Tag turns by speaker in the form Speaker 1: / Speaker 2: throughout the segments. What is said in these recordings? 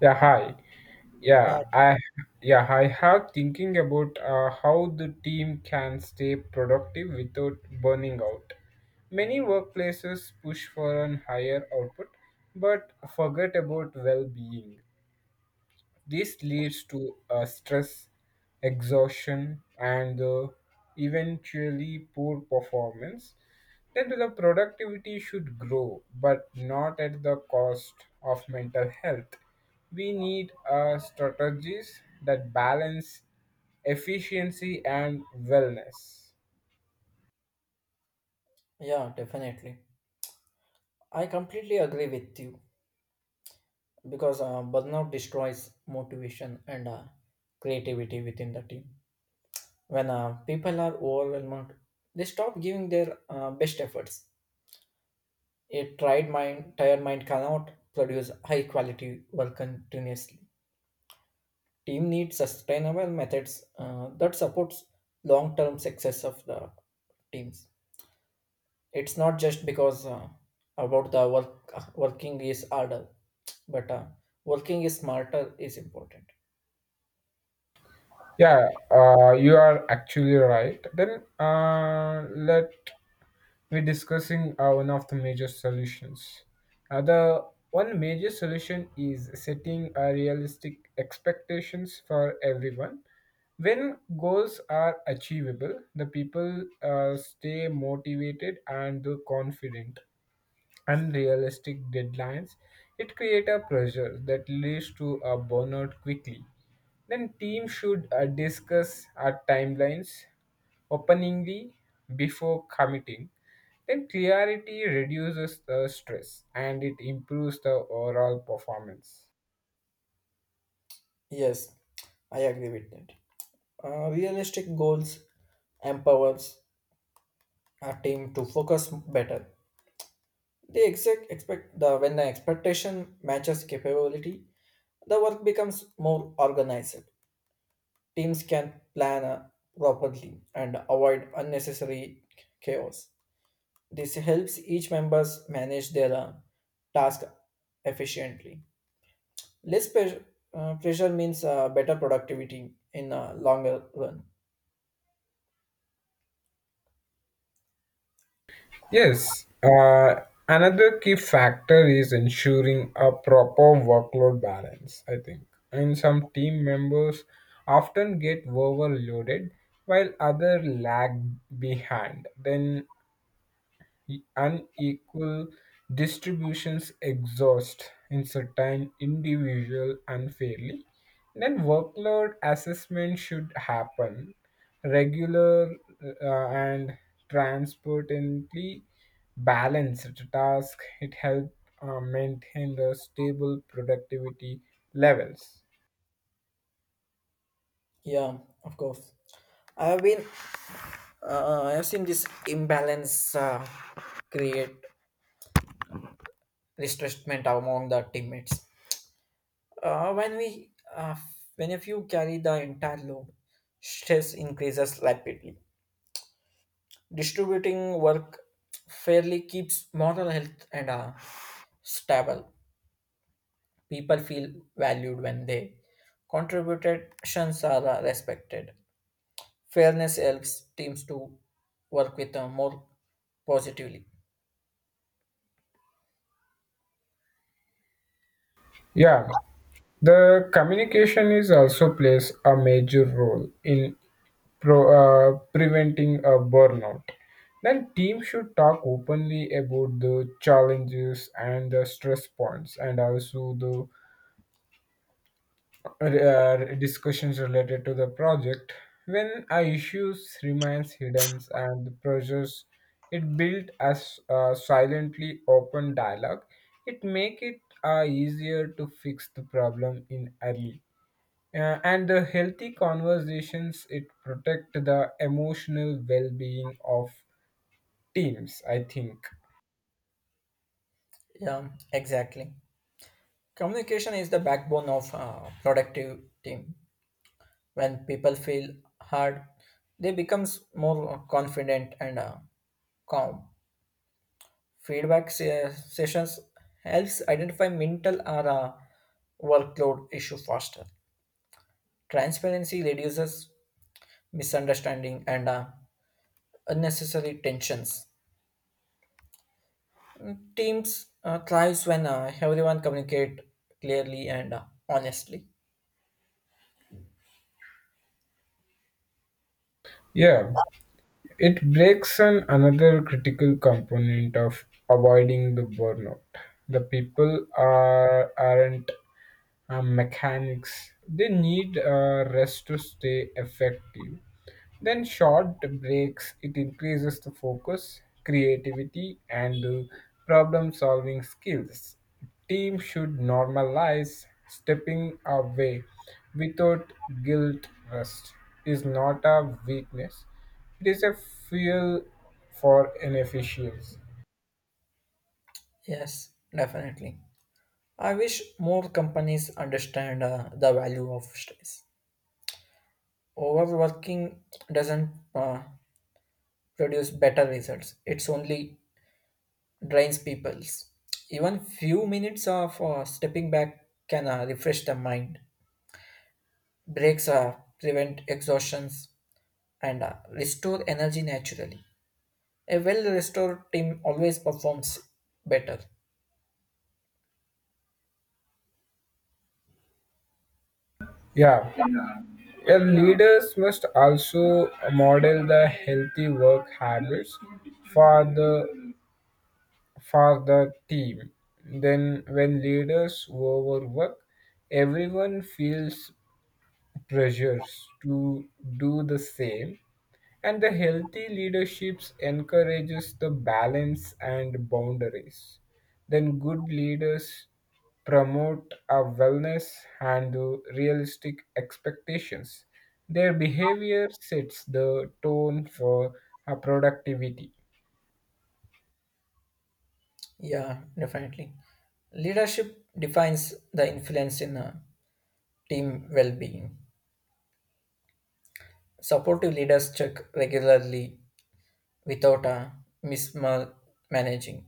Speaker 1: Yeah, hi.
Speaker 2: Uh,
Speaker 1: Yeah, I yeah, I have thinking about how the team can stay productive without burning out. Many workplaces push for an higher output but forget about well-being. This leads to stress, exhaustion, and the eventually poor performance. Then the productivity should grow, but not at the cost of mental health. We need strategies that balance efficiency and wellness.
Speaker 2: yeah, Definitely. I completely agree with you because burnout destroys motivation and creativity within the team. When people are overwhelmed, they stop giving their best efforts. A tired mind cannot produce high quality work continuously. Team needs sustainable methods that supports long term success of the teams. It's not just because about the work, working is harder but working is smarter is important.
Speaker 1: Yeah, you are actually right. Then Let we're discussing one of the major solutions. The one major solution is setting realistic expectations for everyone. When goals are achievable, the people stay motivated and confident unrealistic deadlines, it creates a pressure that leads to a burnout quickly. Then teams should discuss our timelines openingly before committing. Then clarity reduces the stress and it improves the overall performance.
Speaker 2: Yes, I agree with that. Realistic goals empowers a team to focus better. They exact expect the When the expectation matches capability, the work becomes more organized. Teams can plan properly and avoid unnecessary chaos. This helps each members manage their task efficiently. Less pressure, Pressure means better productivity in longer run.
Speaker 1: Yes, another key factor is ensuring a proper workload balance, I think. And some team members often get overloaded while others lag behind. Then unequal distributions exhaust in certain individual unfairly then workload assessment should happen regular and transparently balanced task it help maintain the stable productivity levels.
Speaker 2: Yeah, of course. I have been I have seen this imbalance create restrictment among the teammates. Uh, when we uh, when if you carry the entire load, stress increases rapidly. Distributing work fairly keeps moral health and stable. People feel valued when they contributions are respected. Fairness helps teams to work with more positively.
Speaker 1: Yeah, the communication is also plays a major role in pro, preventing a burnout. Then team should talk openly about the challenges and the stress points and also the discussions related to the project. When a issues remains hidden and the pressures it built as a silently open dialogue, it make it easier to fix the problem in early and the healthy conversations it protect the emotional well-being of teams, I think.
Speaker 2: Yeah, exactly. Communication is the backbone of a productive team. When people feel hard, they becomes more confident and calm. Sessions helps identify mental or workload issue faster. Transparency reduces misunderstanding and unnecessary tensions. Teams thrives when everyone communicate clearly and honestly.
Speaker 1: Yeah, it breaks on another critical component of avoiding the burnout. The people are aren't mechanics, they need rest to stay effective. Then short breaks it increases the focus creativity and problem solving skills. Team should normalize stepping away without guilt. Rest is not a weakness, it is a fuel for inefficiency.
Speaker 2: Yes, definitely. I wish more companies understand the value of stress. Overworking doesn't produce better results. It's only drains people's. Even few minutes of stepping back can refresh the mind. Breaks prevent exhaustions and restore energy naturally. A well-restored team always performs better.
Speaker 1: Yeah, well, leaders must also model the healthy work habits for the for the team. Then, when leaders overwork, everyone feels pressures to do the same. And the healthy leaderships encourages the balance and boundaries. Then good leaders promote a wellness and the realistic expectations. Their behavior sets the tone for a productivity.
Speaker 2: Yeah, definitely. Leadership defines the influence in a team well-being. Supportive leaders check regularly without mismanaging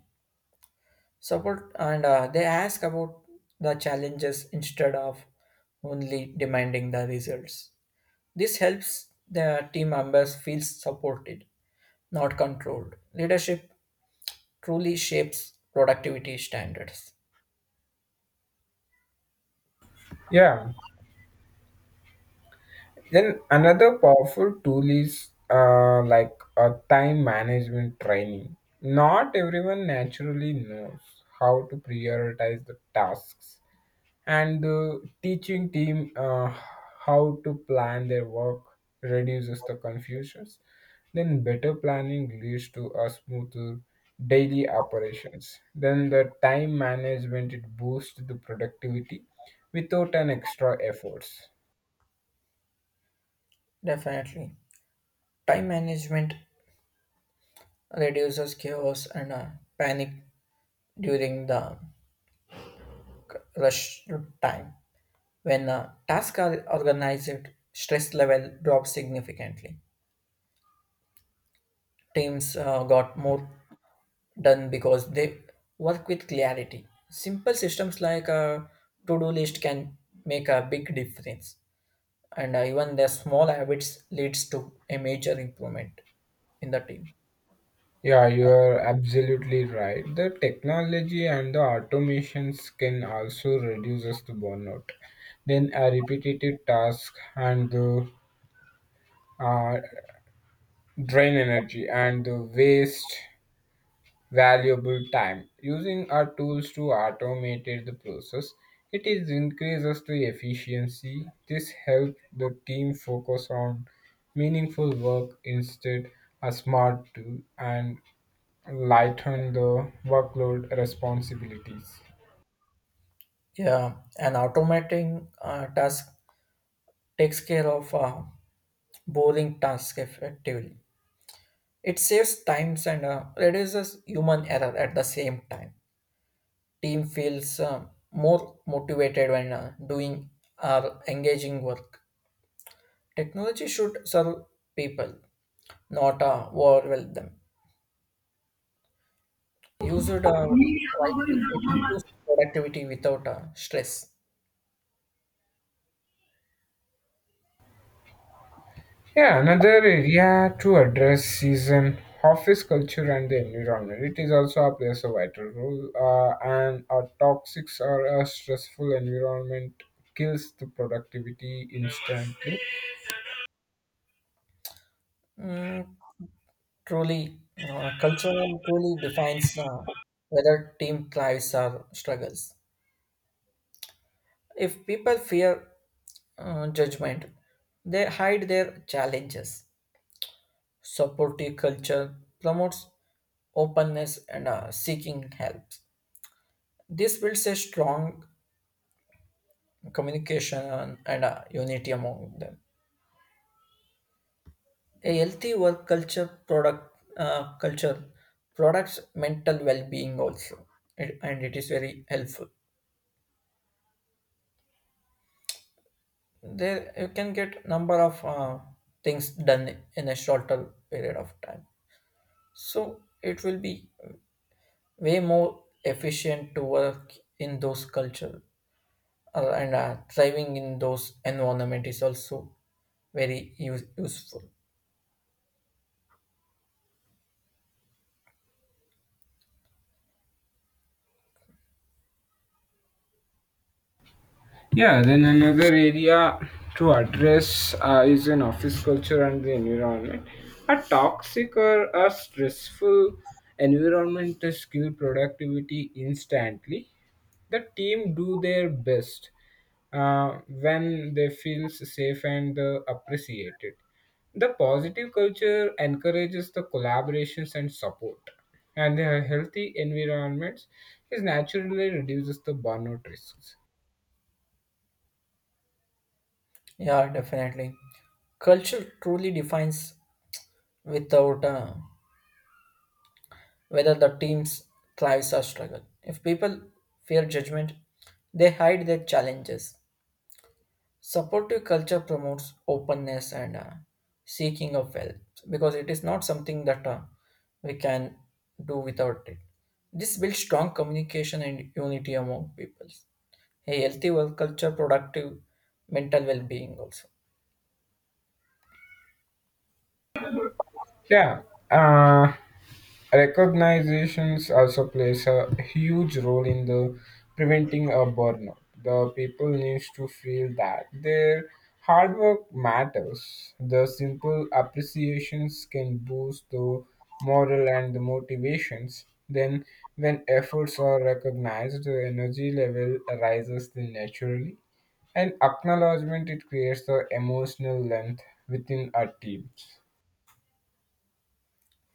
Speaker 2: support, and they ask about the challenges instead of only demanding the results. This helps the team members feel supported, not controlled. Leadership truly shapes productivity standards.
Speaker 1: Yeah. Then another powerful tool is like a time management training. Not everyone naturally knows how to prioritize the tasks, and the teaching team how to plan their work reduces the confusions. Then better planning leads to a smoother daily operations. Then the time management it boosts the productivity without an extra efforts.
Speaker 2: Definitely, time management reduces chaos and panic during the rush time. When tasks are organized, stress level drops significantly. Teams got more done because they work with clarity. Simple systems like a to-do list can make a big difference, and even their small habits leads to a major improvement in the team.
Speaker 1: Yeah, you are absolutely right. The technology and the automations can also reduces the burnout. Then a repetitive task and the uh, drain energy and the waste valuable time. Using our tools to automate the process, it is increases the efficiency. This helps the team focus on meaningful work instead. A smart tool and lighten the workload responsibilities.
Speaker 2: Yeah, and automating task takes care of boring tasks effectively. It saves times and reduces human error at the same time. Team feels more motivated when doing or engaging work. Technology should serve people, not overwhelm them. Used wisely, it improves productivity without stress.
Speaker 1: Yeah, another area to address is an office culture and the environment. It is also a plays a vital role, and a toxic or a stressful environment kills the productivity instantly.
Speaker 2: Mm, truly, cultural truly defines whether team thrives or struggles. If people fear judgment, they hide their challenges. Supportive culture promotes openness and seeking help. This builds a strong communication and unity among them. A healthy work culture products mental well-being also. It- and It is very helpful. There you can get number of things done in a shorter period of time. So it will be way more efficient to work in those culture, and thriving in those environment is also useful.
Speaker 1: Yeah, then another area to address is an office culture and the environment. A toxic or a stressful environment kills productivity instantly. The team do their best when they feel safe and appreciated. The positive culture encourages the collaborations and support, and the healthy environments is naturally reduces the burnout risks.
Speaker 2: Yeah, definitely. Culture truly defines without whether the team's thrives or struggle. If people fear judgment, they hide their challenges. Supportive culture promotes openness and seeking of help, because it is not something that we can do without it. This builds strong communication and unity among peoples. A healthy work culture, productive mental well-being also.
Speaker 1: Yeah, uh, recognitions also plays a huge role in the preventing a burnout. The people needs to feel that their hard work matters. The simple appreciations can boost the morale and the motivations. Then, when efforts are recognized, the energy level rises then naturally. And acknowledgement it creates the emotional length within our teams.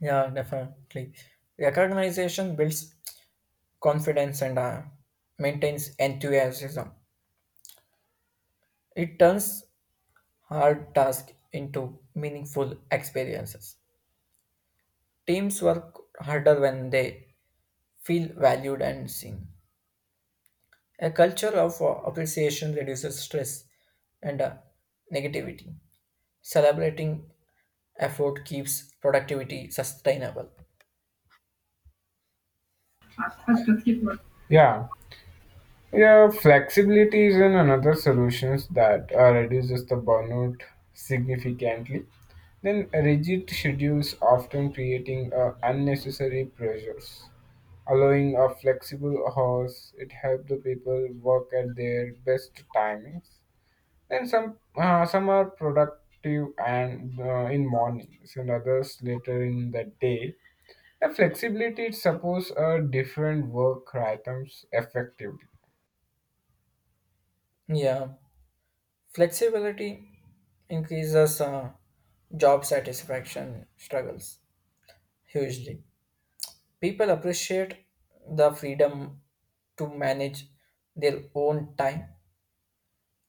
Speaker 2: Yeah, definitely. Recognition builds confidence and maintains enthusiasm. It turns hard tasks into meaningful experiences. Teams work harder when they feel valued and seen. A culture of appreciation reduces stress and negativity. Celebrating effort keeps productivity sustainable.
Speaker 1: Yeah. Yeah, flexibility is in another solutions that reduces the burnout significantly. Then rigid schedules often creating unnecessary pressures. Allowing a flexible hours, it helps the people work at their best timings. Then some are productive and in mornings and others later in the day. The flexibility it supports different work rhythms effectively.
Speaker 2: Yeah. Flexibility increases job satisfaction struggles hugely. People appreciate the freedom to manage their own time.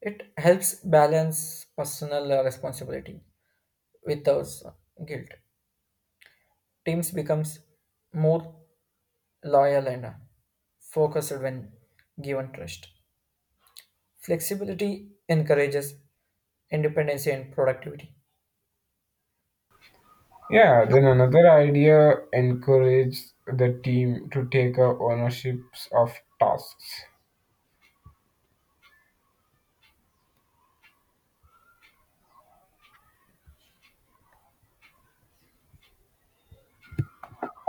Speaker 2: It helps balance personal responsibility without guilt. Teams becomes more loyal and focused when given trust. Flexibility encourages independency and productivity.
Speaker 1: Yeah, then another idea encourages the team to take a ownership of tasks.